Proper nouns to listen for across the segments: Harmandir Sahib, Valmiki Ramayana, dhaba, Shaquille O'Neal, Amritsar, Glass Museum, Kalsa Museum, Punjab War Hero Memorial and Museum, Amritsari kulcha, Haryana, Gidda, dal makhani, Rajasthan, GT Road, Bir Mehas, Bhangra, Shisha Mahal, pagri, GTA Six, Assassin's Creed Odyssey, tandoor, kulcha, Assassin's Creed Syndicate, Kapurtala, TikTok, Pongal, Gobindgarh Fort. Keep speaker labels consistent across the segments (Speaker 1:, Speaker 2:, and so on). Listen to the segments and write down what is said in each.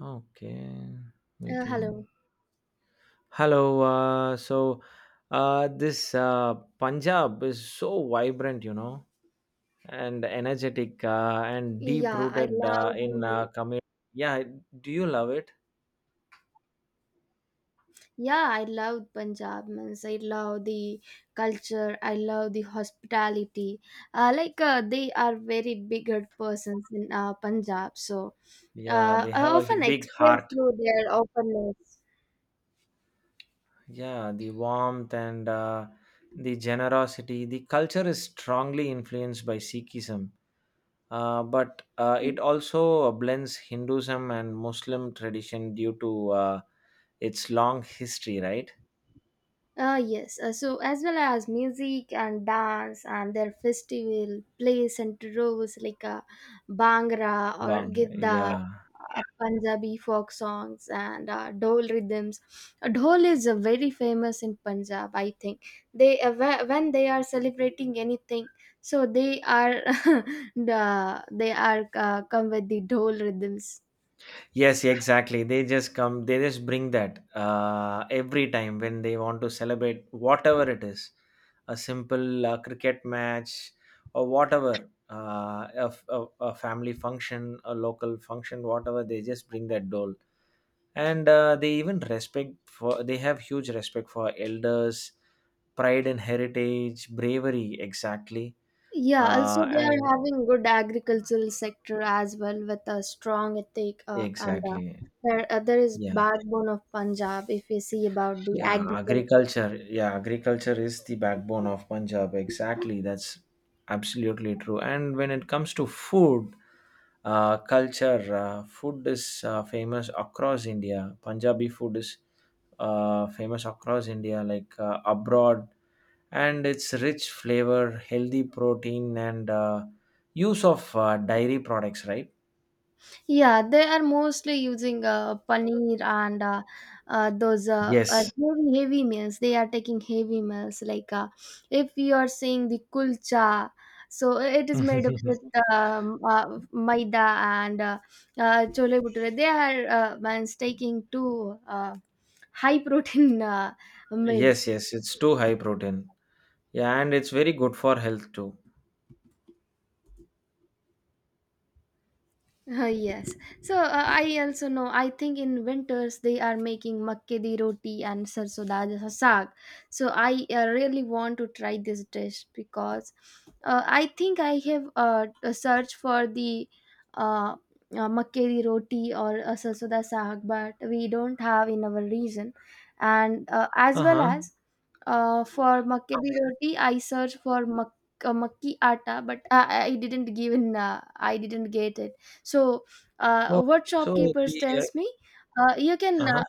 Speaker 1: Okay, waiting.
Speaker 2: Hello.
Speaker 1: Hello. This Punjab is so vibrant, you know, and energetic, and deep
Speaker 2: Yeah, I
Speaker 1: rooted
Speaker 2: love
Speaker 1: uh, in
Speaker 2: the
Speaker 1: uh, community. Yeah, do you love it?
Speaker 2: yeah, I love Punjab means I love the culture, I love the hospitality. They are very big heart persons in Punjab, so
Speaker 1: Yeah, they
Speaker 2: I
Speaker 1: have a
Speaker 2: often
Speaker 1: big
Speaker 2: express
Speaker 1: heart.
Speaker 2: through their openness.
Speaker 1: Yeah, the warmth and the generosity. The culture is strongly influenced by Sikhism, but it also blends Hinduism and Muslim tradition due to it's long history, right?
Speaker 2: Yes, so as well as music and dance and their festival plays and roles like Bhangra or
Speaker 1: Bang.
Speaker 2: Gidda,
Speaker 1: Yeah.
Speaker 2: Punjabi folk songs and dhol rhythms. Dhol is very famous in Punjab, I think. They when they are celebrating anything, so they are they are come with the dhol rhythms.
Speaker 1: Yes, exactly. They just come, they just bring that every time when they want to celebrate whatever it is a simple cricket match or whatever, a family function, a local function, whatever, they just bring that dole. And they even respect for, they have huge respect for elders, pride and heritage, bravery, exactly.
Speaker 2: Yeah, also they are
Speaker 1: And
Speaker 2: having good agricultural sector as well with a strong ethic, and
Speaker 1: exactly.
Speaker 2: there there is
Speaker 1: Yeah,
Speaker 2: backbone of Punjab if you see about the
Speaker 1: yeah,
Speaker 2: agriculture.
Speaker 1: agriculture. Yeah, agriculture is the backbone of Punjab. Exactly, that's absolutely true. And when it comes to food, culture, food is famous across India. Punjabi food is famous across India, like abroad, and its rich flavor, healthy protein, and use of dairy products, right?
Speaker 2: Yeah, they are mostly using paneer and those
Speaker 1: Yes.
Speaker 2: heavy meals. They are taking heavy meals like, if you are saying the kulcha, so it is made up with maida and chole bhature. They are man's taking two high protein meals.
Speaker 1: Yes, yes, it's too high protein. Yeah, and it's very good for health too.
Speaker 2: Yes. So I also know. I think in winters they are making makke di roti and sarso da ja saag. So I really want to try this dish because I think I have a search for the uh, makke di roti or sarso da saag, but we don't have in our region. And as
Speaker 1: Uh
Speaker 2: well
Speaker 1: huh.
Speaker 2: as for makke di roti, I search for makki atta, but I didn't give in. I didn't get it, so
Speaker 1: Oh,
Speaker 2: what
Speaker 1: so
Speaker 2: shopkeepers
Speaker 1: the
Speaker 2: tells me, uh, you can
Speaker 1: uh-huh.
Speaker 2: uh,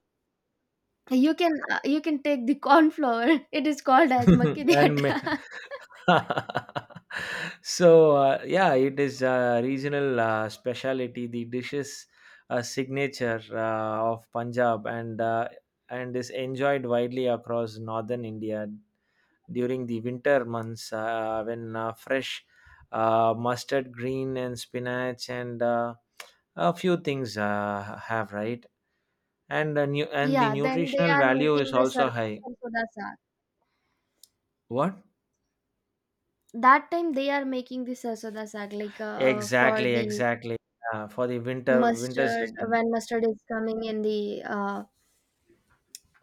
Speaker 2: you can take the corn flour. It is called as makki di
Speaker 1: And may
Speaker 2: atta.
Speaker 1: So, yeah, it is a regional specialty. The dishes, a signature of Punjab and and is enjoyed widely across northern India during the winter months when fresh mustard green and spinach and a few things have right and uh, nu- and the
Speaker 2: Yeah. Then they
Speaker 1: nutritional
Speaker 2: are
Speaker 1: value is
Speaker 2: making the
Speaker 1: also high.
Speaker 2: sarsoda saag.
Speaker 1: What?
Speaker 2: That time they are making the sarsoda saag like for
Speaker 1: Exactly,
Speaker 2: the
Speaker 1: exactly. For the winter
Speaker 2: mustard
Speaker 1: season.
Speaker 2: when mustard is coming in the uh,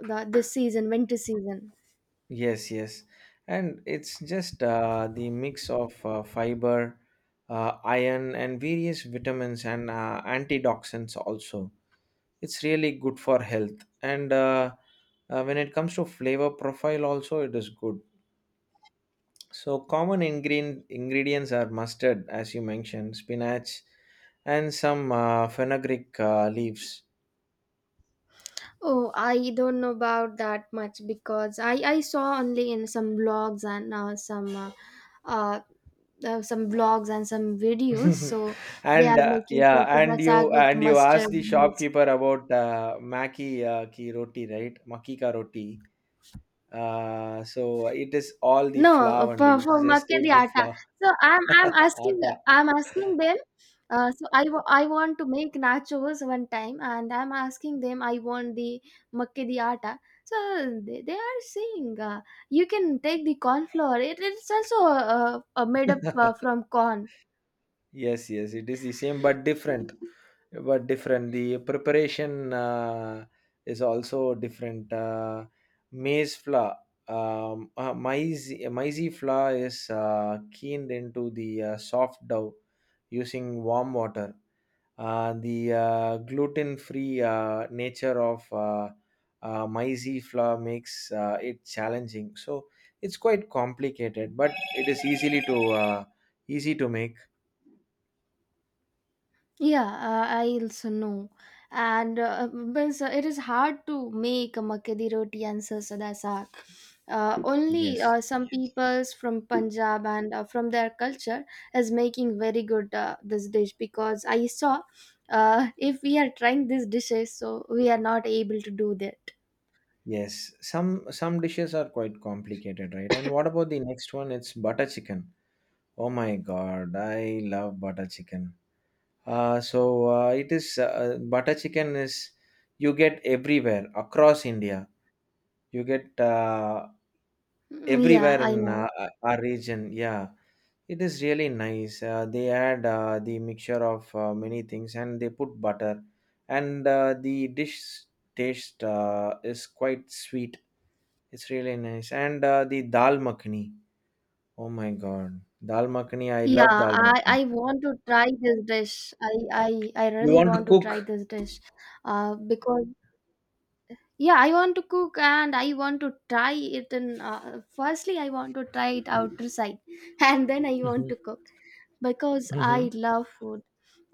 Speaker 2: the this season winter season.
Speaker 1: Yes, yes. And it's just the mix of fiber, iron, and various vitamins and antioxidants also. It's really good for health. And when it comes to flavor profile also, it is good. So common ingredients are mustard, as you mentioned, spinach, and some fenugreek leaves.
Speaker 2: Oh, I don't know about that much because I saw only in some blogs and uh, some vlogs and some videos. So they
Speaker 1: and
Speaker 2: are
Speaker 1: uh,
Speaker 2: making
Speaker 1: yeah,
Speaker 2: sarsoda saag with
Speaker 1: and you asked
Speaker 2: mustard
Speaker 1: the
Speaker 2: leaves.
Speaker 1: shopkeeper about maki ki roti, right? Maki ka roti, so it is all the
Speaker 2: No,
Speaker 1: flour only,
Speaker 2: for
Speaker 1: just
Speaker 2: makke
Speaker 1: take
Speaker 2: di
Speaker 1: the
Speaker 2: atta.
Speaker 1: flour.
Speaker 2: So I'm I'm asking
Speaker 1: Atta.
Speaker 2: I'm asking them. I want to make nachos one time, and I'm asking them. I want the makke di atta. So they are saying, you can take the corn flour. It's also made up from corn.
Speaker 1: Yes, yes, it is the same but different, but different. The preparation is also different. Maize flour, um, uh, maize maize flour is keened into the soft dough using warm water. The gluten-free nature of maize flour makes it challenging. So it's quite complicated, but it is easily to easy to make.
Speaker 2: Yeah, I also know. And means, it is hard to make a makadi roti and sarsoda saag. Only
Speaker 1: Yes.
Speaker 2: some peoples from Punjab and from their culture is making very good this dish because I saw, if we are trying these dishes, so we are not able to do that.
Speaker 1: Yes, some dishes are quite complicated, right? And what about the next one? It's butter chicken. Oh my God, I love butter chicken. So it is butter chicken is you get everywhere across India. You get
Speaker 2: Mm, yeah,
Speaker 1: everywhere in
Speaker 2: I know.
Speaker 1: our region, yeah, it is really nice. They add the mixture of many things and they put butter and the dish taste is quite sweet. It's really nice. And the dal makhani, oh my god, dal makhani, I
Speaker 2: Yeah,
Speaker 1: love dal makhani.
Speaker 2: I want to try this dish. I
Speaker 1: You
Speaker 2: really
Speaker 1: want to
Speaker 2: want to try
Speaker 1: cook?
Speaker 2: this dish, because yeah, I want to cook and I want to try it. And firstly I want to try it outside and then I want to
Speaker 1: Mhm.
Speaker 2: cook because
Speaker 1: Mhm.
Speaker 2: I love food.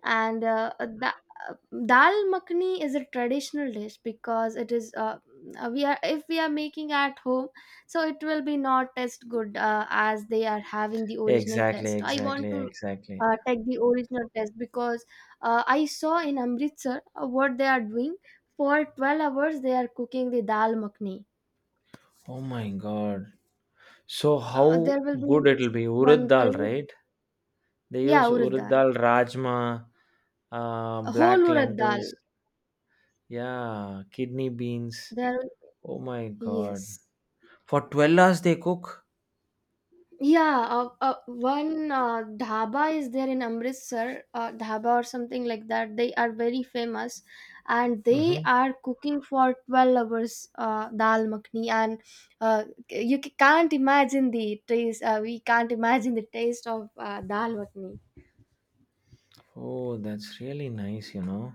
Speaker 2: And the dal makhani is a traditional dish because it is, we are, if we are making at home, so it will be not taste good as they are having the original
Speaker 1: Exactly,
Speaker 2: taste. I want
Speaker 1: exactly,
Speaker 2: to
Speaker 1: exactly.
Speaker 2: take the original taste because I saw in Amritsar what they are doing. For 12 hours, they are cooking the dal makhni.
Speaker 1: Oh my God. So how
Speaker 2: There will
Speaker 1: good
Speaker 2: be
Speaker 1: it'll be. Urad
Speaker 2: one
Speaker 1: dal,
Speaker 2: place.
Speaker 1: right? They use
Speaker 2: Yeah, urad
Speaker 1: urad
Speaker 2: dal.
Speaker 1: dal, rajma, black
Speaker 2: Whole urad dal.
Speaker 1: lentils, yeah, kidney beans.
Speaker 2: There,
Speaker 1: Oh my god.
Speaker 2: yes.
Speaker 1: For 12 hours they cook?
Speaker 2: Yeah, one dhaba is there in Amritsar, dhaba or something like that. They are very famous and they
Speaker 1: Mm-hmm.
Speaker 2: are cooking for 12 hours dal makhni and can't imagine the taste. We can't imagine the taste of dal makhni.
Speaker 1: Oh, that's really nice, you know.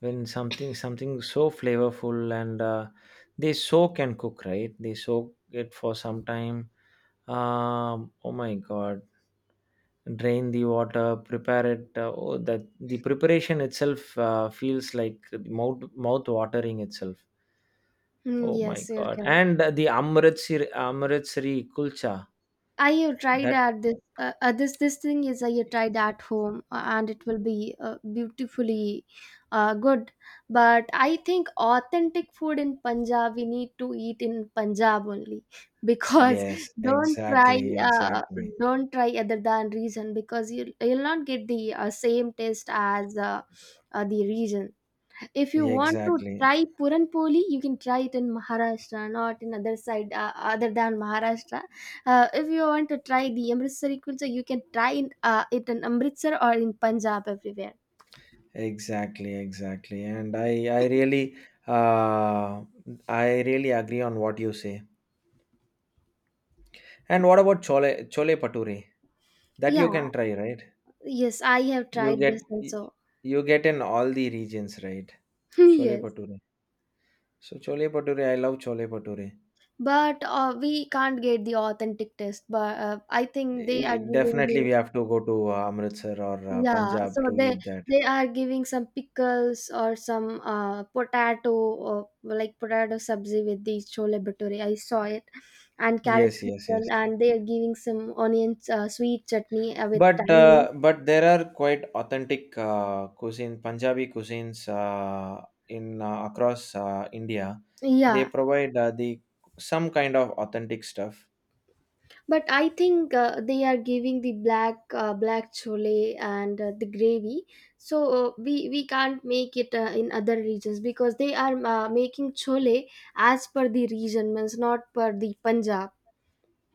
Speaker 1: When something so flavorful and they soak and cook, right? They soak it for some time. Oh my god. Drain the water, prepare it. Oh, that the preparation itself feels like mouth watering itself.
Speaker 2: Mm,
Speaker 1: Oh my
Speaker 2: yes, you're
Speaker 1: God.
Speaker 2: correct.
Speaker 1: And the Amritsari, Amritsari kulcha.
Speaker 2: I have tried
Speaker 1: That,
Speaker 2: at this. This this thing is I have tried at home, and it will be beautifully good. But I think authentic food in Punjab we need to eat in Punjab only because,
Speaker 1: yes,
Speaker 2: don't try,
Speaker 1: exactly, exactly,
Speaker 2: don't try other than region because you'll you'll not get the same taste as the region. If you want to
Speaker 1: exactly,
Speaker 2: try Puran Poli, you can try it in Maharashtra, not in other side other than Maharashtra. If you want to try the Amritsari kulcha, you can try it in Amritsar or in Punjab everywhere.
Speaker 1: exactly, exactly. And uh, I really agree on what you say. And what about chole, chole pature? That
Speaker 2: Yeah,
Speaker 1: you can try, right?
Speaker 2: yes, I have
Speaker 1: You
Speaker 2: tried
Speaker 1: get,
Speaker 2: this also.
Speaker 1: you get in all the regions, right? Chole
Speaker 2: Yes,
Speaker 1: pature. So chole pature, I love chole pature.
Speaker 2: but we can't get the authentic taste. But I think they
Speaker 1: Eh,
Speaker 2: are giving
Speaker 1: definitely, we
Speaker 2: you.
Speaker 1: have to go to Amritsar or
Speaker 2: Yeah, so
Speaker 1: Punjab to eat that.
Speaker 2: they are giving some pickles or some potato or like potato sabzi with the chole bhature. I saw it, and carrot
Speaker 1: Yes, yes,
Speaker 2: pickle,
Speaker 1: yes.
Speaker 2: and they are giving some onion sweet chutney with
Speaker 1: But
Speaker 2: tamarind.
Speaker 1: uh, but there are quite authentic cuisine, Punjabi cuisines in across India. They
Speaker 2: Yeah,
Speaker 1: provide the some kind of authentic stuff.
Speaker 2: but I think they are giving the black chole and the gravy, so we we can't make it in other regions because they are making chole as per the region, means not per the Punjab.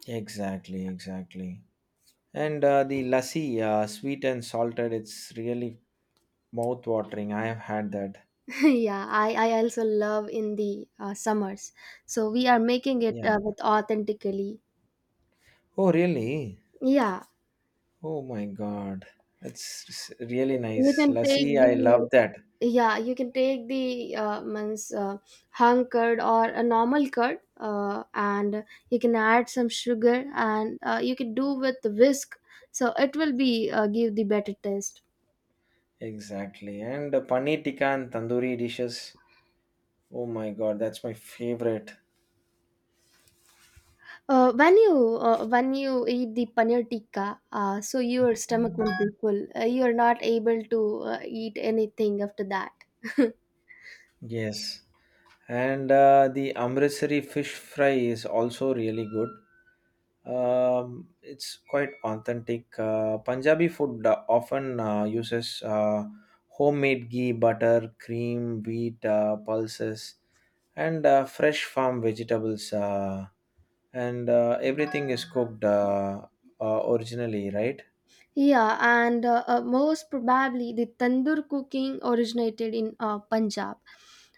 Speaker 1: Exactly, exactly. And the lassi, sweet and salted, it's really mouth-watering. I have had that.
Speaker 2: Yeah, I also love in the summers, so we are making it
Speaker 1: Yeah.
Speaker 2: with authentically.
Speaker 1: Oh, really?
Speaker 2: yeah
Speaker 1: Oh my God. It's really
Speaker 2: you
Speaker 1: nice.
Speaker 2: can take
Speaker 1: Lassi, I
Speaker 2: the
Speaker 1: love that.
Speaker 2: yeah you can take the means hung curd or a normal curd, and you can add some sugar and you can do with the whisk, so it will be give the better taste.
Speaker 1: Exactly. And paneer tikka and tandoori dishes. Oh my god, that's my favorite.
Speaker 2: When you eat the paneer tikka, so your stomach will be full. You are not able to eat anything after that.
Speaker 1: Yes. And the Amritsari fish fry is also really good. It's quite authentic. Punjabi food often uses homemade ghee, butter, cream, wheat, pulses, and fresh farm vegetables. And everything is cooked originally, right?
Speaker 2: Yeah, and most probably the tandoor cooking originated in Punjab.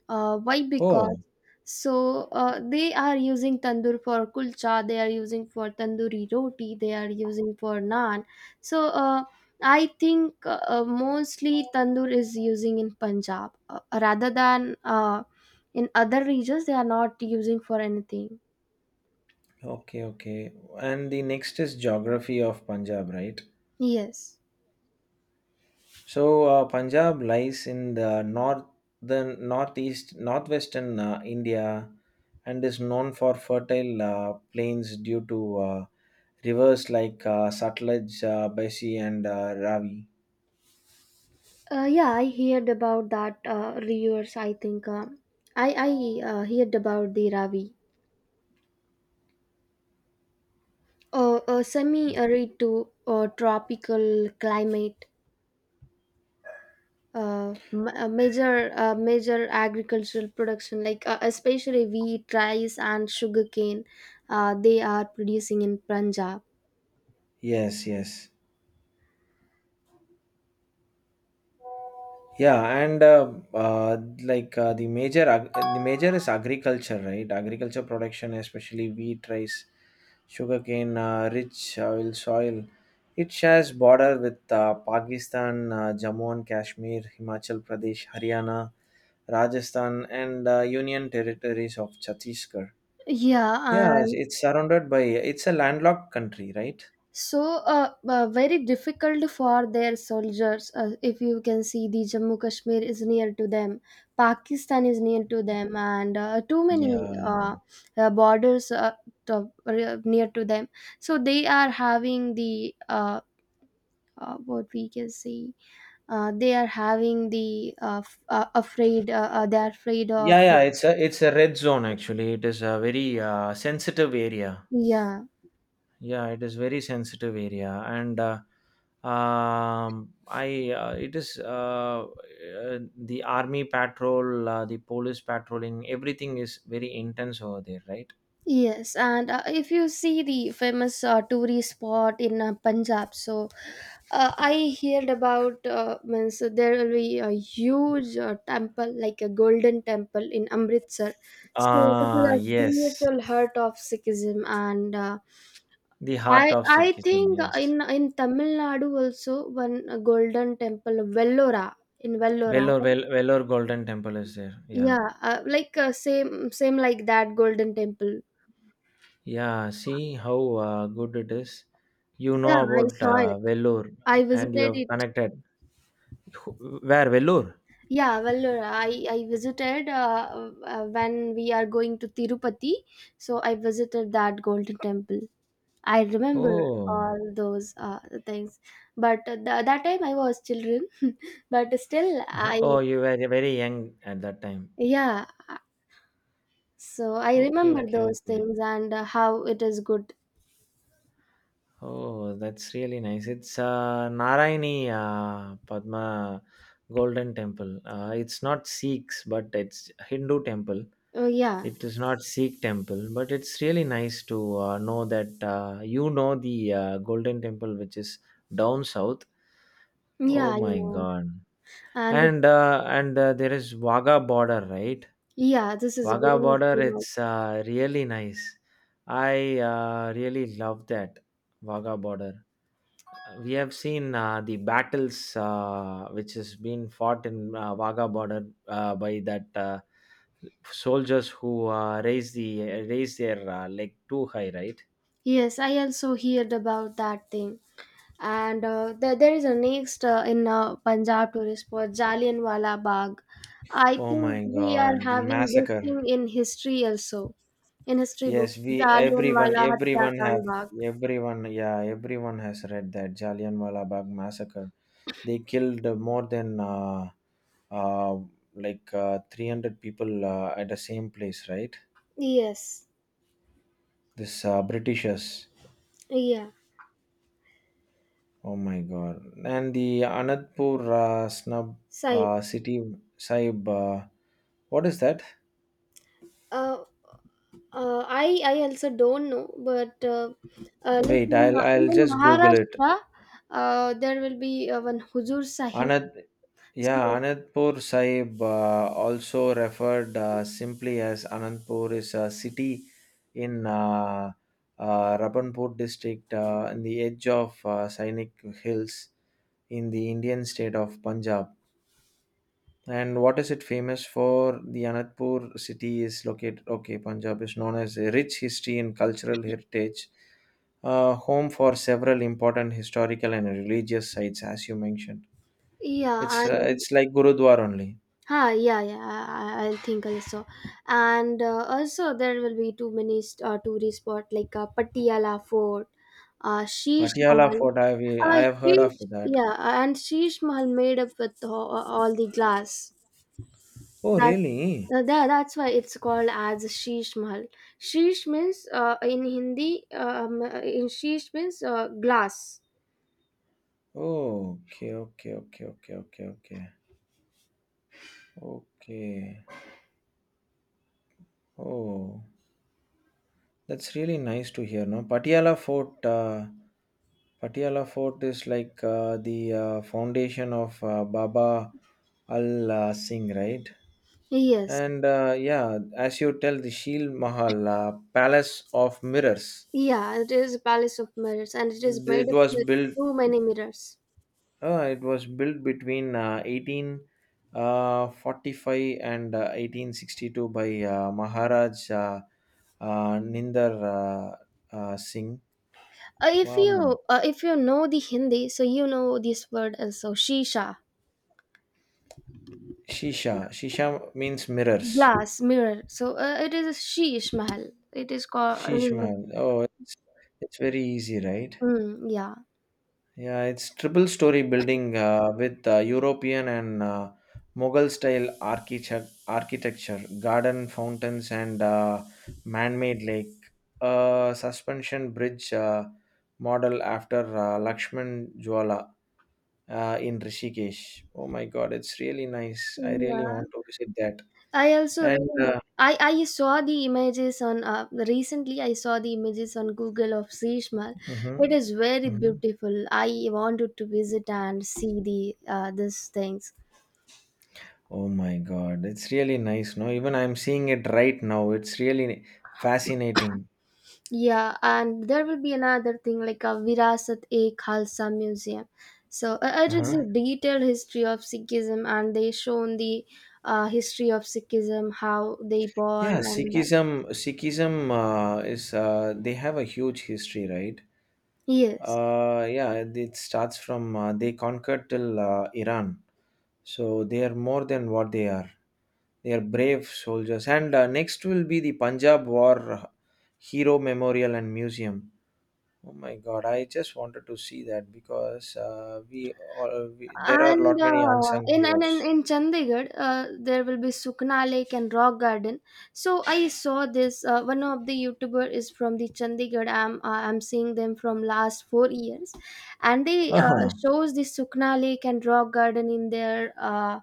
Speaker 2: Why? Because
Speaker 1: Oh,
Speaker 2: so they are using tandoor for kulcha, they are using for tandoori roti, they are using for naan. So I think mostly tandoor is using in Punjab rather than in other regions. They are not using for anything.
Speaker 1: okay, okay. And the next is geography of Punjab, right?
Speaker 2: Yes.
Speaker 1: So Punjab lies in the northern, northeast, northwestern India, and is known for fertile plains due to rivers like Satluj, Besi, and Ravi.
Speaker 2: Yeah, I heard about that rivers. I think I heard about the Ravi, a semi-arid to tropical climate. Major agricultural production like especially wheat, rice, and sugarcane. They are producing in Punjab.
Speaker 1: Yes, yes. Yeah, and like the major ag- the major is agriculture, right? Agriculture production, especially wheat, rice, sugarcane, rich oil soil. It shares border with Pakistan, Jammu and Kashmir, Himachal Pradesh, Haryana, Rajasthan, and Union territories of Chhattisgarh.
Speaker 2: Yeah,
Speaker 1: Yeah, it's surrounded by. It's a landlocked country, right?
Speaker 2: so very difficult for their soldiers. If you can see, the Jammu Kashmir is near to them, Pakistan is near to them, and too many
Speaker 1: Yeah.
Speaker 2: borders near to them, so they are having the, what we can say, they are having the, afraid, they are afraid of.
Speaker 1: Yeah, yeah, it's a red zone actually. It is a very sensitive area.
Speaker 2: Yeah.
Speaker 1: Yeah, it is very sensitive area and I it is the army patrol the police patrolling everything is very intense over there, right?
Speaker 2: Yes, and if you see the famous tourist spot in Punjab, so I heard about, means there will be a huge temple, like a golden temple in Amritsar. So this is
Speaker 1: Ah
Speaker 2: a
Speaker 1: yes,
Speaker 2: spiritual heart of Sikhism, and uh,
Speaker 1: the heart
Speaker 2: I
Speaker 1: of
Speaker 2: I
Speaker 1: Sikhism,
Speaker 2: think
Speaker 1: yes.
Speaker 2: in Tamil Nadu also one golden temple Vellora, in Vellora,
Speaker 1: Vellore,
Speaker 2: right?
Speaker 1: Vel- Vellore Golden Temple is there. Yeah.
Speaker 2: Yeah, like same like that golden temple.
Speaker 1: Yeah. See how good it is. You
Speaker 2: Yeah,
Speaker 1: know
Speaker 2: I
Speaker 1: about
Speaker 2: saw it.
Speaker 1: Vellore
Speaker 2: I
Speaker 1: and you
Speaker 2: visited
Speaker 1: have
Speaker 2: it.
Speaker 1: connected. Who- Where? Vellore?
Speaker 2: Yeah, well, I visited when we are going to Tirupati, so I visited that golden temple. I remember
Speaker 1: Oh.
Speaker 2: all those things, but that time I was children, but still I,
Speaker 1: Oh, you were very young at that time.
Speaker 2: yeah. So I
Speaker 1: Okay,
Speaker 2: remember
Speaker 1: okay,
Speaker 2: those
Speaker 1: okay.
Speaker 2: things and how it is good.
Speaker 1: Oh, that's really nice. It's Narayani Padma Golden Temple. It's not Sikhs, but it's Hindu temple.
Speaker 2: Oh yeah,
Speaker 1: It is not Sikh temple, but it's really nice to know that you know the Golden Temple, which is down south. Oh
Speaker 2: yeah, you
Speaker 1: my
Speaker 2: know,
Speaker 1: God!
Speaker 2: and
Speaker 1: And there is Wagah border, right?
Speaker 2: yeah, this is
Speaker 1: Wagah
Speaker 2: very
Speaker 1: border,
Speaker 2: famous.
Speaker 1: it's really nice. I really love that Wagah border. We have seen the battles which has been fought in Wagah border by that soldiers who raise the raise their leg too high, right?
Speaker 2: Yes, I also heard about that thing. And there is a next in Punjab tourist spot Jallianwala Bagh. I
Speaker 1: Oh
Speaker 2: think
Speaker 1: my
Speaker 2: we are
Speaker 1: God, the
Speaker 2: having this
Speaker 1: massacre!
Speaker 2: thing in history also, in history
Speaker 1: Yes,
Speaker 2: book
Speaker 1: we everyone
Speaker 2: Jallianwala
Speaker 1: everyone have
Speaker 2: Hatyakan Bagh.
Speaker 1: everyone, yeah, everyone has read that Jallianwala Bagh massacre. They killed more than uh, 300 people at the same place, right?
Speaker 2: Yes,
Speaker 1: This Britishers.
Speaker 2: yeah,
Speaker 1: Oh my God! And the Anandpur snub
Speaker 2: Sai.
Speaker 1: city Saib. What is that?
Speaker 2: Uh, I I also don't know, but
Speaker 1: Wait, I'll
Speaker 2: in
Speaker 1: just Google it.
Speaker 2: Maharashtra, there will be one Huzur Sahib.
Speaker 1: Anand, yeah,
Speaker 2: So,
Speaker 1: Anandpur Sahib, also referred simply as Anandpur, is a city in Rabanpur district in the edge of Sainik Hills in the Indian state of Punjab. And what is it famous for? The Anandpur city is located, okay, Punjab is known as a rich history and cultural heritage, home for several important historical and religious sites, as you mentioned.
Speaker 2: yeah, and
Speaker 1: It's like Gurudwar only.
Speaker 2: ah, yeah, yeah. I'll think also, and also there will be too many tourist spot like Patiala Fort, Sheesh
Speaker 1: Patiala
Speaker 2: Mahal.
Speaker 1: fort, I've, I
Speaker 2: Uh,
Speaker 1: have heard of that.
Speaker 2: Yeah, and Sheesh Mahal made up with all the glass.
Speaker 1: Oh,
Speaker 2: That's
Speaker 1: really?
Speaker 2: that's why it's called as Sheesh Mahal. Sheesh means, in Hindi, in Sheesh means glass.
Speaker 1: Oh, okay, okay, okay, okay, okay, okay, okay. Oh, that's really nice to hear. No, Patiala Fort. Patiala Fort is like the foundation of Baba Al Singh, right?
Speaker 2: Yes,
Speaker 1: And yeah, as you tell, the Shield Mahal, Palace of Mirrors,
Speaker 2: yeah, it is a palace of mirrors, and it is made
Speaker 1: it
Speaker 2: up
Speaker 1: was
Speaker 2: with
Speaker 1: built.
Speaker 2: too many mirrors.
Speaker 1: It was built between 1845 and 1862 by Maharaj Ninder Singh. Um,
Speaker 2: If you know the Hindi, so you know this word also shisha,
Speaker 1: Shisha. Shisha means mirrors.
Speaker 2: glass, mirror. So it is a sheesh mahal. It is called. It is
Speaker 1: Shishman. Oh, it's very easy, right?
Speaker 2: mm, yeah,
Speaker 1: Yeah, it's triple story building with European and Mughal style architect- architecture, garden fountains, and man made lake. A suspension bridge model after Lakshman Jwala in Rishikesh. Oh my god, it's really nice. I really want
Speaker 2: yeah.
Speaker 1: to visit that.
Speaker 2: I also
Speaker 1: And
Speaker 2: really. I saw the images on, recently I saw the images on Google of Sheesh Mahal. It
Speaker 1: mhm,
Speaker 2: is very
Speaker 1: mhm.
Speaker 2: beautiful. I wanted to visit and see the this thing.
Speaker 1: Oh my god, it's really nice. No, even I'm seeing it right now. It's really fascinating.
Speaker 2: Yeah, and there will be another thing like a Virasat e Khalsa Museum. So it is
Speaker 1: Uh-huh.
Speaker 2: a detailed history of Sikhism, and they shown the history of Sikhism, how they born,
Speaker 1: Yeah,
Speaker 2: and
Speaker 1: Sikhism, Sikhism is they have a huge history, right?
Speaker 2: yes.
Speaker 1: Yeah, it starts from they conquered till Iran, so they are more than what they are. They are brave soldiers. And next will be the Punjab War Hero Memorial and Museum. Oh my God, I just wanted to see that because we, all, we there are a
Speaker 2: And
Speaker 1: lot many unsung
Speaker 2: in and in,
Speaker 1: heroes.
Speaker 2: in Chandigarh, there will be Sukna Lake and Rock Garden. So I saw this. One of the YouTuber is from the Chandigarh. I'm seeing them from last 4 years, and they
Speaker 1: Uh huh.
Speaker 2: shows the Sukna Lake and Rock Garden in their uh,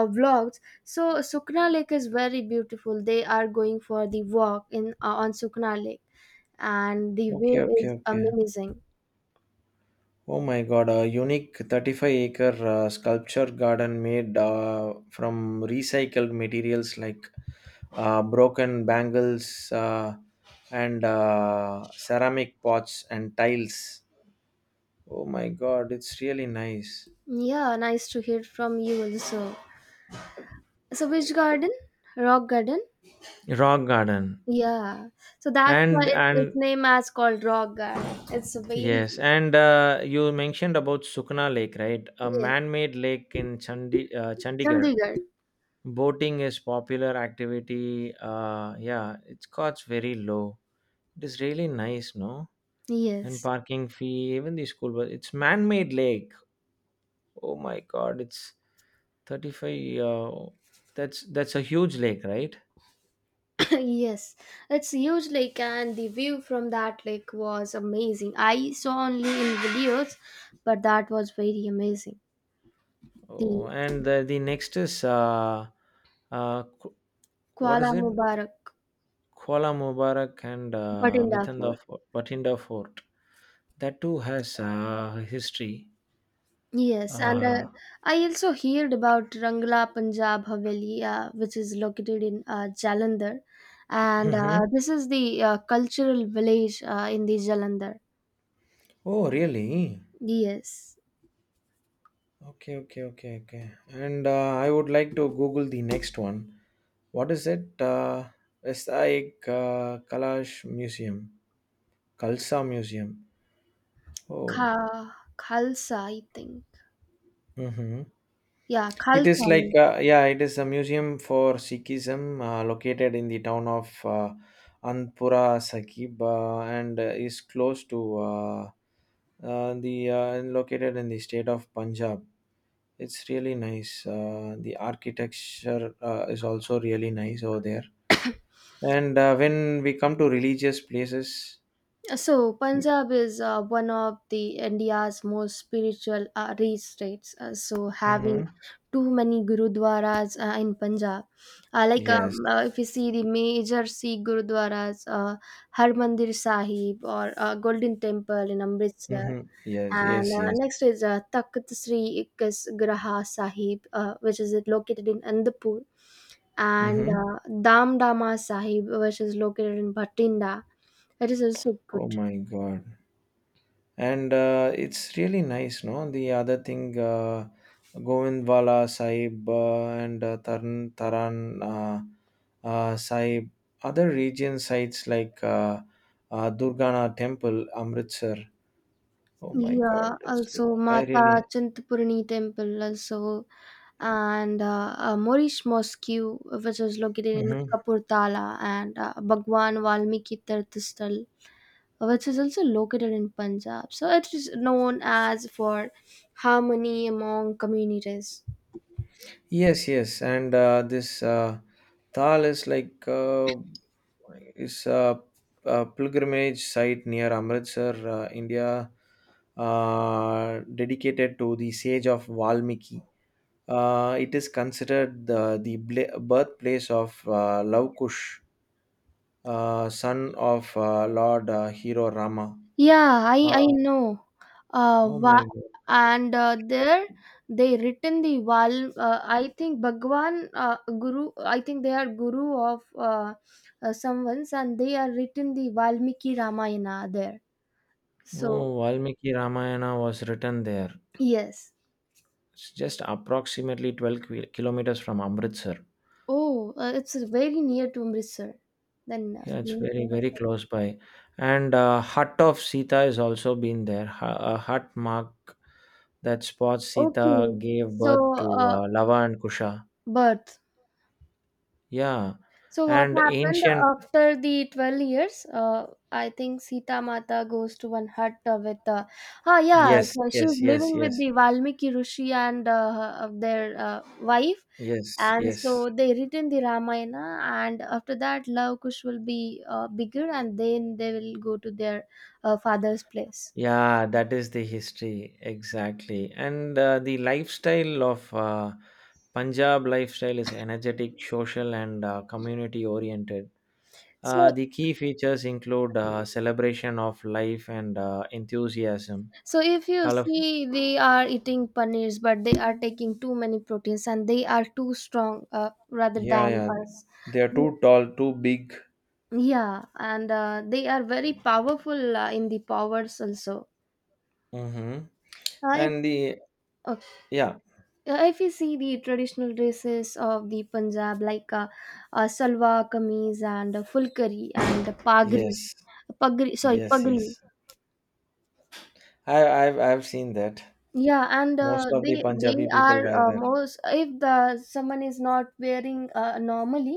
Speaker 2: uh, vlogs. So Sukna Lake is very beautiful. They are going for the walk in on Sukna Lake, and the
Speaker 1: Okay,
Speaker 2: view
Speaker 1: okay,
Speaker 2: is
Speaker 1: okay.
Speaker 2: amazing.
Speaker 1: Oh my god, a unique 35 acre sculpture garden made from recycled materials like broken bangles and ceramic pots and tiles. Oh my god, it's really nice.
Speaker 2: Yeah, nice to hear from you also. So which garden? Rock Garden?
Speaker 1: Rock garden.
Speaker 2: Yeah. So that's why its
Speaker 1: And
Speaker 2: name is called Rock Garden. It's a very
Speaker 1: yes, and you mentioned about Sukna Lake, right? A
Speaker 2: yes,
Speaker 1: man made lake in Chandigarh.
Speaker 2: Chandigarh.
Speaker 1: Boating is popular activity. Yeah, its costs very low. It is really nice, no? And
Speaker 2: Yes.
Speaker 1: parking fee, even the school bus. It's man-made lake. Oh my God, it's 35. That's a huge lake, right?
Speaker 2: yes. It's a huge lake and the view from that lake was amazing. I saw only in videos, but that was very amazing. The
Speaker 1: Oh, and the next is uh, Ku- what
Speaker 2: Kuala
Speaker 1: is it?
Speaker 2: Mubarak
Speaker 1: Kuala Mubarak and
Speaker 2: Batinda
Speaker 1: Bitanda
Speaker 2: Fort.
Speaker 1: Fort, Batinda Fort. That too has history.
Speaker 2: Yes, and
Speaker 1: Uh,
Speaker 2: I also heard about Rangla Punjab Haveli, which is located in Jalandhar, and
Speaker 1: mhm.
Speaker 2: this is the cultural village in the Jalandhar.
Speaker 1: Oh, really?
Speaker 2: Yes,
Speaker 1: Okay, okay, okay, okay. And I would like to Google the next one. What is it? Vesai Kalash Museum, Kalsa Museum. Oh,
Speaker 2: Khalsa, I think.
Speaker 1: mm-hmm.
Speaker 2: Yeah,
Speaker 1: It is
Speaker 2: Khalsa.
Speaker 1: like, yeah, it is a museum for Sikhism located in the town of Anpura Sakib and is close to the located in the state of Punjab. It's really nice. The architecture is also really nice over there. And when we come to religious places,
Speaker 2: So, Punjab is one of the India's most spiritual rich states. Having
Speaker 1: mhm.
Speaker 2: too many gurudwaras in Punjab,
Speaker 1: Yes.
Speaker 2: if you see the major Sikh gurudwaras, Harmandir Sahib or Golden Temple in Amritsar,
Speaker 1: Mm-hmm. Yes,
Speaker 2: and
Speaker 1: yes, yes.
Speaker 2: next is Takht Sri Graha Sahib, which is located in Andapur, and
Speaker 1: Mm-hmm.
Speaker 2: Dam Dama Sahib, which is located in Bhatinda. That is also good.
Speaker 1: Oh my God. And it's really nice, no? The other thing, Govindwala Sahib and Taran, Taran Sahib, other region sites like Durgana Temple, Amritsar. Oh my God.
Speaker 2: Yeah,
Speaker 1: It's,
Speaker 2: also
Speaker 1: I really.
Speaker 2: Mata Chintapurni temple also and Moorish Mosque which is located in Kapurtala and Bhagwan Valmiki Tirth which is also located in Punjab. So it is known as for harmony among communities.
Speaker 1: Yes, yes, and this Thal is like is a pilgrimage site near Amritsar, India, dedicated to the sage of Valmiki. It is considered the birthplace of Love Kush, son of Lord Hero Rama.
Speaker 2: Yeah, I
Speaker 1: Uh,
Speaker 2: know.
Speaker 1: oh my
Speaker 2: Wa-
Speaker 1: God!
Speaker 2: and there they written the Val. I think Bhagwan Guru. I think they are Guru of someone's, and they are written the Valmiki Ramayana there. So
Speaker 1: Oh, Valmiki Ramayana was written there.
Speaker 2: yes.
Speaker 1: It's just approximately 12 kilometers from Amritsar.
Speaker 2: Oh, it's very near to Amritsar. Then
Speaker 1: Yeah, it's
Speaker 2: near
Speaker 1: very,
Speaker 2: to
Speaker 1: very
Speaker 2: us.
Speaker 1: close by. And Hut of Sita has also been there. A hut mark that spots Sita
Speaker 2: Okay.
Speaker 1: gave
Speaker 2: So
Speaker 1: birth to Lava and Kusha.
Speaker 2: but.
Speaker 1: Yeah.
Speaker 2: So what
Speaker 1: And
Speaker 2: happened
Speaker 1: ancient.
Speaker 2: after the 12 years? I think Sita Mata goes to one hut with, yeah,
Speaker 1: Yes,
Speaker 2: so she's
Speaker 1: yes, yes,
Speaker 2: living with
Speaker 1: yes,
Speaker 2: the Valmiki Rishi and their wife.
Speaker 1: yes,
Speaker 2: And
Speaker 1: yes.
Speaker 2: so they written the Ramayana and after that Love Kush will be bigger and then they will go to their father's place.
Speaker 1: Yeah, that is the history. Exactly. And the lifestyle of Punjab lifestyle is energetic, social, and community oriented.
Speaker 2: So,
Speaker 1: The key features include celebration of life and enthusiasm.
Speaker 2: so if you
Speaker 1: Color,
Speaker 2: see, they are eating paneers, but they are taking too many proteins and they are too strong rather
Speaker 1: yeah,
Speaker 2: than
Speaker 1: yeah.
Speaker 2: us.
Speaker 1: They are too tall, too big.
Speaker 2: Yeah, and they are very powerful in the powers also.
Speaker 1: Mm-hmm.
Speaker 2: I,
Speaker 1: And the
Speaker 2: uh,
Speaker 1: yeah,
Speaker 2: if you see the traditional dresses of the Punjab, like salwar kameez and fulkari and
Speaker 1: yes,
Speaker 2: pagri, pagri, sorry,
Speaker 1: yes,
Speaker 2: pagri.
Speaker 1: yes. I've seen that.
Speaker 2: Yeah, and
Speaker 1: Most
Speaker 2: uh,
Speaker 1: of the
Speaker 2: they they
Speaker 1: Punjabi people
Speaker 2: are
Speaker 1: wear that.
Speaker 2: most if the someone is not wearing normally,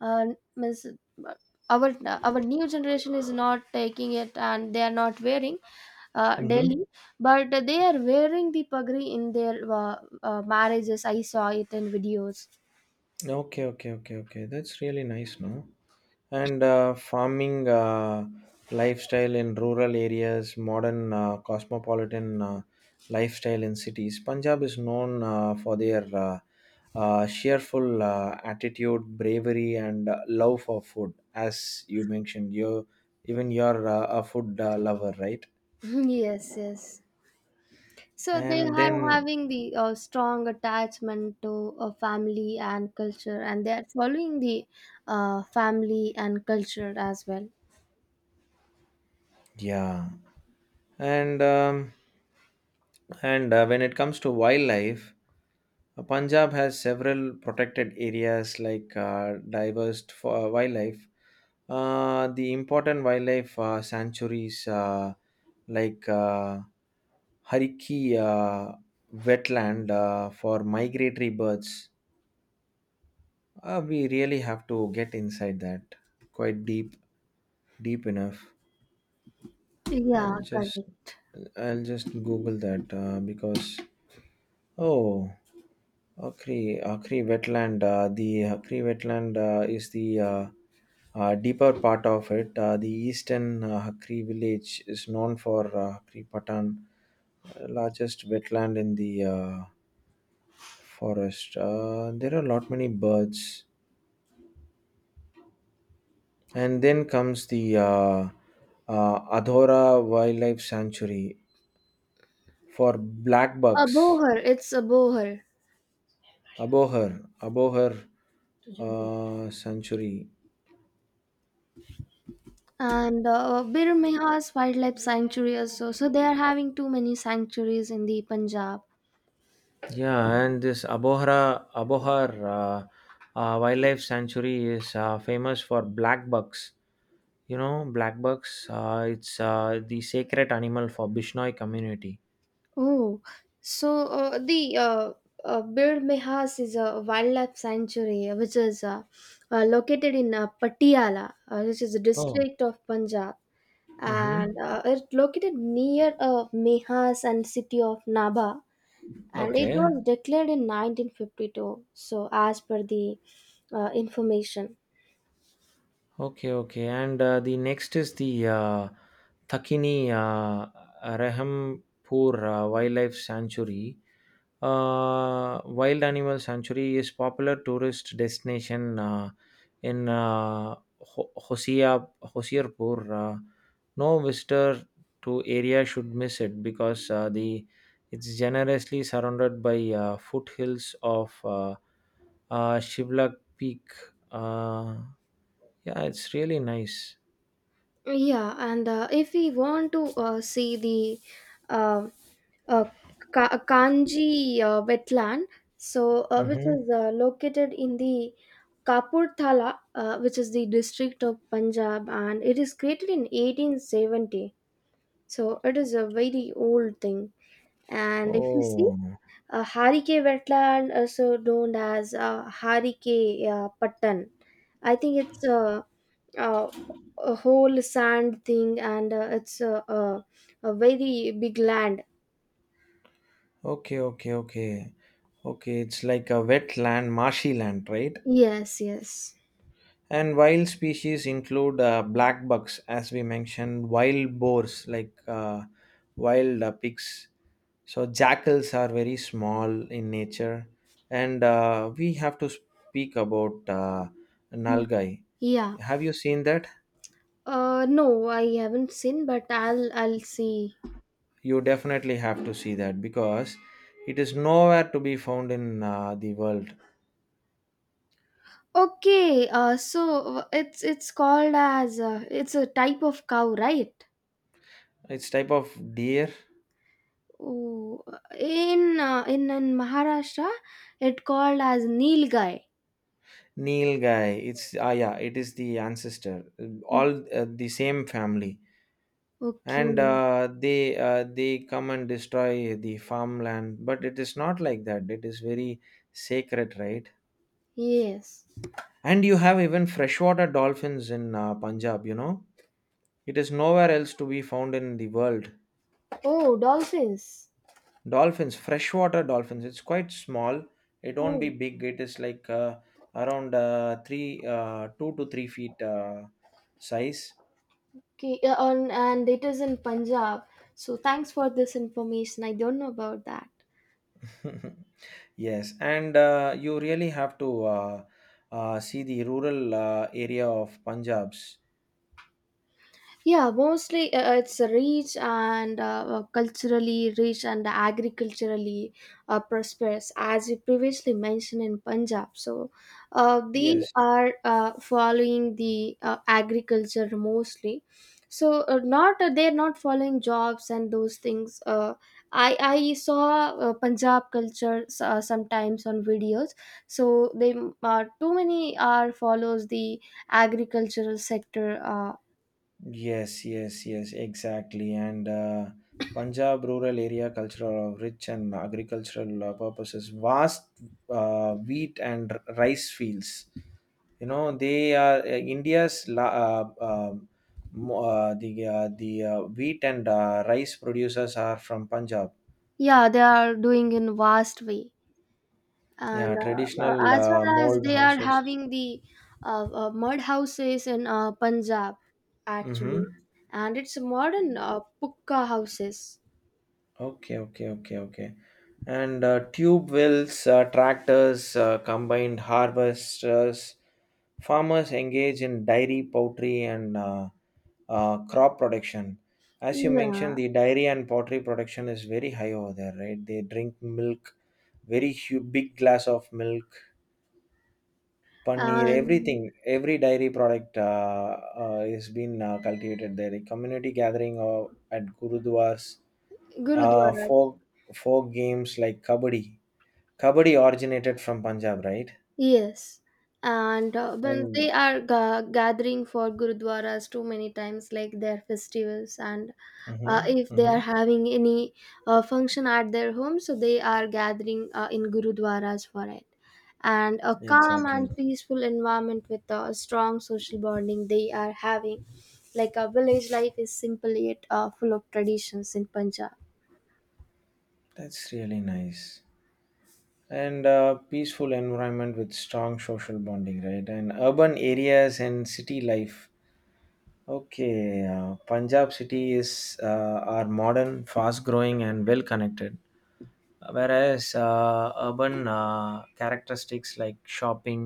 Speaker 2: uh, means our new generation is not taking it and they are not wearing daily,
Speaker 1: Mm-hmm.
Speaker 2: but they are wearing the pagri in their marriages. I saw it in videos.
Speaker 1: Okay, okay, okay, okay. That's really nice, no? And farming lifestyle in rural areas, modern cosmopolitan lifestyle in cities. Punjab is known for their cheerful attitude, bravery, and love for food. As you mentioned, you even you're a food lover, right?
Speaker 2: yes, yes. So they
Speaker 1: And
Speaker 2: are
Speaker 1: then
Speaker 2: having the strong attachment to family and culture, and they are following the family and culture as well.
Speaker 1: yeah. And when it comes to wildlife, Punjab has several protected areas like diverse for wildlife. The important wildlife sanctuaries like Hariki wetland for migratory birds. We really have to get inside that quite deep, deep enough.
Speaker 2: Yeah,
Speaker 1: I'll
Speaker 2: correct.
Speaker 1: just I'll just Google that because oh Akri wetland, the Akri wetland is the deeper part of it. The eastern Akri village is known for Akri Patan, largest wetland in the forest. There are a lot many birds, and then comes the Adhora Wildlife Sanctuary for black
Speaker 2: A
Speaker 1: bucks.
Speaker 2: boher, it's a boher.
Speaker 1: Abohar, above sanctuary.
Speaker 2: And Bir Meha's wildlife sanctuary also. So they are having too many sanctuaries in the Punjab.
Speaker 1: Yeah, and this Abohar Wildlife Sanctuary is famous for black bucks. You know, black bucks. It's the sacred animal for Bishnoi community.
Speaker 2: Oh, so the Bir Mehas is a wildlife sanctuary which is located in Patiala, which is a
Speaker 1: Oh.
Speaker 2: district of Punjab, and
Speaker 1: Mm-hmm.
Speaker 2: uh, it's located near Mehas and city of Naba, and it
Speaker 1: Okay.
Speaker 2: was declared in 1952. So as per the information,
Speaker 1: Okay. Okay. And the next is the Thakini Rahampur Wildlife Sanctuary. Wild animal sanctuary is popular tourist destination in Ho- Hosea Hosierpur. No visitor to area should miss it because the it's generously surrounded by foothills of Shivlak Peak. Uh, yeah, it's really nice.
Speaker 2: yeah, and if we want to see the uh, uh, Kanji wetland, which
Speaker 1: Mm-hmm.
Speaker 2: is located in the Kapurthala, which is the district of Punjab, and it is created in 1870. So it is a very old thing. And if you see,
Speaker 1: Oh,
Speaker 2: Harike wetland, also known as Harike Patan, I think it's a, a, a whole sand thing and it's a very big land.
Speaker 1: okay, okay, okay, okay. It's like a wetland, marshy land, right?
Speaker 2: Yes, yes.
Speaker 1: And wild species include black bucks, as we mentioned, wild boars like wild pigs. So jackals are very small in nature, and we have to speak about
Speaker 2: Mm.
Speaker 1: nalgai.
Speaker 2: Yeah.
Speaker 1: Have you seen that?
Speaker 2: No, I haven't seen, but I'll see.
Speaker 1: You definitely have to see that because it is nowhere to be found in the world.
Speaker 2: Okay. So it's called as it's a type of cow, right?
Speaker 1: It's type of deer,
Speaker 2: Oh, in Maharashtra, it called as Nilgai.
Speaker 1: nilgai. It's ah yeah, it is the ancestor.
Speaker 2: Hmm,
Speaker 1: All the same family and
Speaker 2: okay.
Speaker 1: they come and destroy the farmland, but it is not like that. It is very sacred, right?
Speaker 2: Yes.
Speaker 1: And you have even freshwater dolphins in Punjab, you know, it is nowhere else to be found in the world.
Speaker 2: Oh, dolphins.
Speaker 1: Dolphins, freshwater dolphins, it's quite small, it won't be
Speaker 2: Oh,
Speaker 1: big, it is like around 3 2 to 3 feet size.
Speaker 2: okay. And it is in Punjab. So thanks for this information. I don't know about that.
Speaker 1: Yes, and you really have to see the rural area of Punjab's.
Speaker 2: Yeah, mostly it's rich and culturally rich and agriculturally prosperous, as you previously mentioned in Punjab. So uh, they
Speaker 1: Yes,
Speaker 2: are uh, following the agriculture mostly. So not they're not following jobs and those things. I saw Punjab culture sometimes on videos. So they too many are follows the agricultural sector.
Speaker 1: yes, yes, yes, exactly. And Punjab rural area cultural of rich and agricultural purposes, vast wheat and rice fields. You know, they are India's la- mo- the wheat and rice producers are from Punjab.
Speaker 2: Yeah, they are doing in vast way
Speaker 1: Yeah,
Speaker 2: and
Speaker 1: traditional
Speaker 2: as well as
Speaker 1: mold
Speaker 2: they are
Speaker 1: houses.
Speaker 2: having the mud houses in Punjab actually
Speaker 1: Mm-hmm.
Speaker 2: and it's modern pukka houses.
Speaker 1: Okay, okay, okay, okay. And tube wells, tractors, combined harvesters, farmers engage in dairy, poultry, and crop production. As you mentioned,
Speaker 2: Yeah,
Speaker 1: the dairy and poultry production is very high over there, right? They drink milk, very hu big glass of milk, paneer,
Speaker 2: and
Speaker 1: everything. Every dairy product is being cultivated there. A community gathering at gurudwars uh,
Speaker 2: gurudwaras.
Speaker 1: folk folk games like kabaddi. Kabaddi originated from Punjab, right?
Speaker 2: Yes, and when
Speaker 1: And
Speaker 2: they are gathering for gurudwaras too many times like their festivals and
Speaker 1: mm-hmm,
Speaker 2: if they
Speaker 1: mm-hmm,
Speaker 2: are having any function at their home so they are gathering in gurudwaras for it, and a calm
Speaker 1: exactly.
Speaker 2: and peaceful environment with a strong social bonding they are having, like a village life is simple yet full of traditions in Punjab.
Speaker 1: That's really nice. And peaceful environment with strong social bonding, right? And urban areas and city life. Okay, Punjab city is are modern, fast growing, and well connected. Whereas urban characteristics like shopping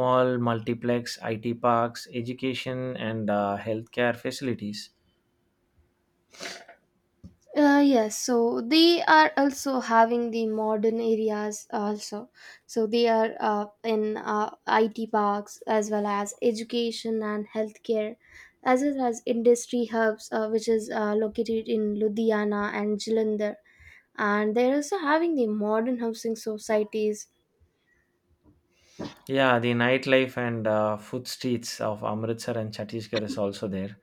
Speaker 1: mall, multiplex, IT parks, education, and healthcare facilities.
Speaker 2: Yes, so they are also having the modern areas also. So they are in IT parks as well as education and healthcare, as well as industry hubs, which is located in Ludhiana and Jalandhar. And they're also having the modern housing societies.
Speaker 1: Yeah, the nightlife and food streets of Amritsar and Chhattisgarh is also there,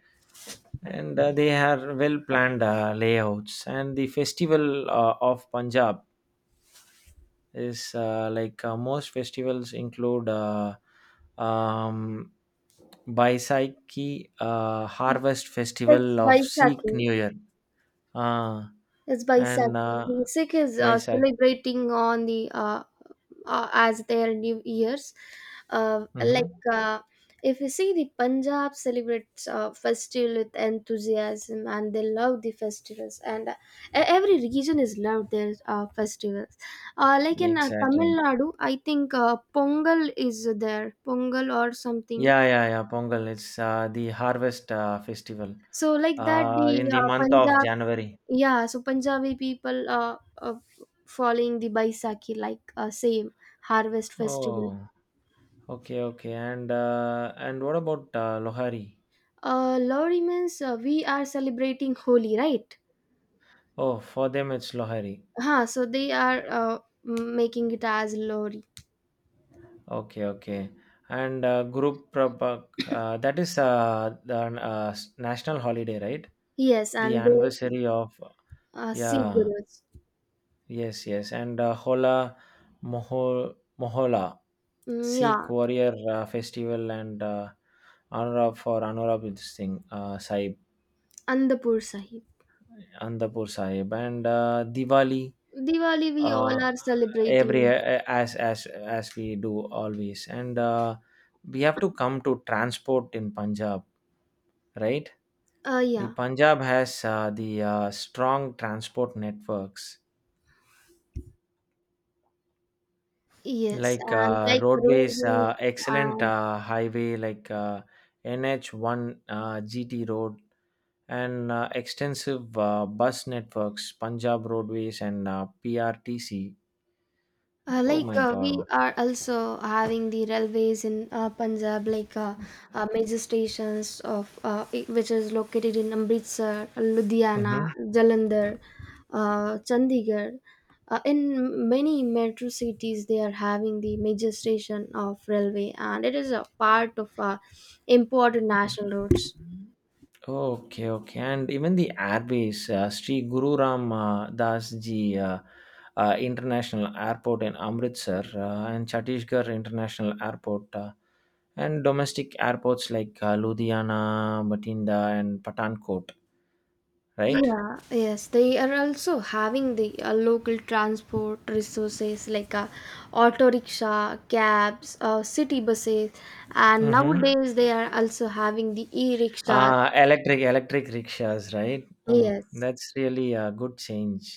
Speaker 1: and they have well planned layouts. And the festival of Punjab is like most festivals include um, Baisakhi Harvest
Speaker 2: It's
Speaker 1: Festival of Sikh
Speaker 2: Baisakhi.
Speaker 1: New Year. Uh,
Speaker 2: It's
Speaker 1: and
Speaker 2: Baisakhi. The Sikh is
Speaker 1: Baisakhi.
Speaker 2: celebrating on the as their new years uh,
Speaker 1: Mm-hmm.
Speaker 2: like uh, if you see the Punjab celebrates festival with enthusiasm and they love the festivals and every region is loved their festivals like in Tamil
Speaker 1: Exactly.
Speaker 2: Nadu, I think Pongal is there, Pongal or something.
Speaker 1: Yeah, yeah, yeah. Pongal. It's the harvest festival
Speaker 2: So like that the
Speaker 1: in the month of
Speaker 2: Punjab,
Speaker 1: January.
Speaker 2: yeah, so Punjabi people uh following the Baisakhi like same harvest festival.
Speaker 1: Oh, okay, okay. And what about Lohari?
Speaker 2: Lori means we are celebrating Holi, right?
Speaker 1: Oh, for them it's Lohari.
Speaker 2: Huh, so they are making it as Lori.
Speaker 1: Okay, okay. And Guru Prabhak, that is the national holiday, right?
Speaker 2: Yes,
Speaker 1: The
Speaker 2: and they
Speaker 1: anniversary of
Speaker 2: Sikh
Speaker 1: yeah,
Speaker 2: Gurus.
Speaker 1: yes, yes. And Hola Moho, Mohola,
Speaker 2: Mm,
Speaker 1: Sikh
Speaker 2: yeah,
Speaker 1: warrior festival and honor of for honor of this thing, Sahib,
Speaker 2: Andapur Sahib.
Speaker 1: Andapur Sahib, and Diwali.
Speaker 2: Diwali we all
Speaker 1: uh,
Speaker 2: are
Speaker 1: every
Speaker 2: celebrating.
Speaker 1: as we do always. And we have to come to transport in Punjab, right? The
Speaker 2: Yeah,
Speaker 1: Punjab has the strong transport networks
Speaker 2: yes,
Speaker 1: like
Speaker 2: and like
Speaker 1: roadways,
Speaker 2: roadways.
Speaker 1: excellent highway like NH1, GT Road, and extensive bus networks, Punjab Roadways and PRTC. Oh my
Speaker 2: We
Speaker 1: God.
Speaker 2: are also having the railways in Punjab, like major stations of which is located in Amritsar, Ludhiana,
Speaker 1: Mhm.
Speaker 2: Jalandhar, Chandigarh. In many metro cities, they are having the major station of railway, and it is a part of important national roads,
Speaker 1: Okay, okay. And even the airbase, Sri Guru Ram Das Ji International Airport in Amritsar and Chhattisgarh International Airport, and domestic airports like Ludhiana, Batinda, and Patankot,
Speaker 2: right?
Speaker 1: right?
Speaker 2: Yeah, yes, they are also having the local transport resources like auto rickshaw, cabs, city buses, and
Speaker 1: Mm-hmm.
Speaker 2: nowadays they are also having the e-rickshaws.
Speaker 1: Electric rickshaws, right?
Speaker 2: Yes,
Speaker 1: That's really a good change.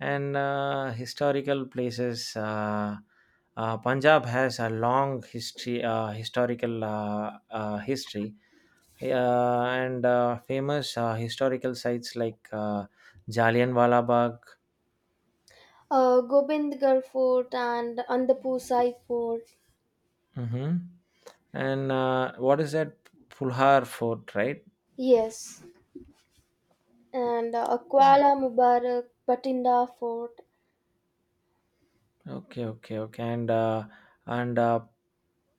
Speaker 1: And historical places. Punjab has a long history, historical history, and famous historical sites like Jallianwala Bagh,
Speaker 2: Gobindgarh Fort and Andapur Sai Fort.
Speaker 1: hmm. And what is that Pulhar Fort, right?
Speaker 2: Yes, and Kuala Mubarak, Batinda Fort.
Speaker 1: Okay, okay, okay. And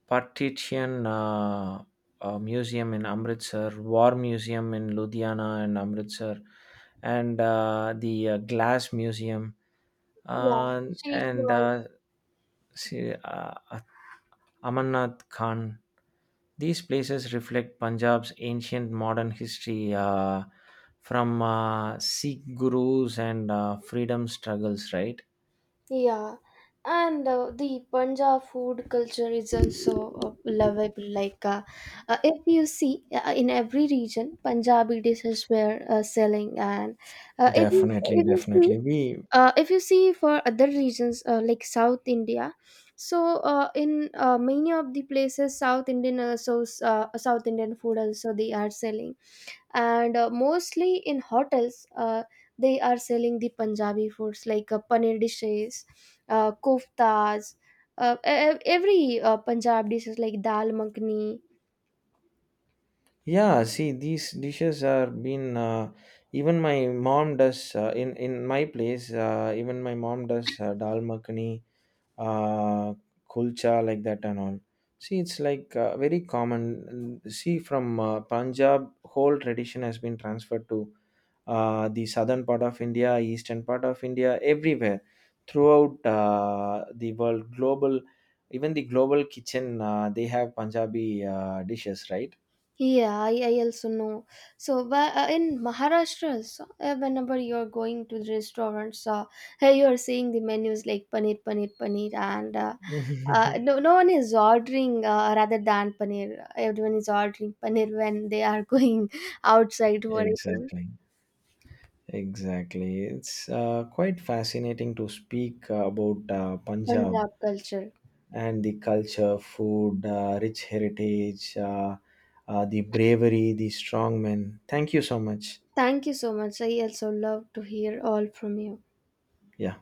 Speaker 1: Partition Museum in Amritsar, War Museum in Ludhiana and Amritsar, and the Glass Museum,
Speaker 2: Yeah,
Speaker 1: uh,
Speaker 2: Sheesh.
Speaker 1: and see, Amarnath Khan. These places reflect Punjab's ancient modern history from Sikh gurus and freedom struggles, right?
Speaker 2: Yeah, and the Punjab food culture is also lovable. Like, if you see in every region, Punjabi dishes were selling, and uh, if you
Speaker 1: Definitely,
Speaker 2: if you see
Speaker 1: definitely. We
Speaker 2: if you see for other regions like South India, so in many of the places South Indian also South Indian food also they are selling and mostly in hotels they are selling the Punjabi foods like paneer dishes, koftas, every Punjab dishes like dal makhani.
Speaker 1: yeah, see these dishes are been even my mom does in my place. Even my mom does dal makhani, uh, kulcha, like that and all. See, it's like very common. See, from Punjab, whole tradition has been transferred to the southern part of India, eastern part of India, everywhere throughout the world. Global, even the global kitchen, they have Punjabi dishes, right?
Speaker 2: Yeah, I also know. In Maharashtra, so, whenever you're going to the restaurants, hey, you're seeing the menus like paneer paneer paneer and no, no one is ordering rather than paneer, everyone is ordering paneer when they are going outside for eating.
Speaker 1: Exactly, exactly. It's quite fascinating to speak about Punjab
Speaker 2: Punjab culture.
Speaker 1: and the culture, food, rich heritage, the bravery, the strong men. Thank you so much.
Speaker 2: Thank you so much. I also love to hear all from you.
Speaker 1: Yeah.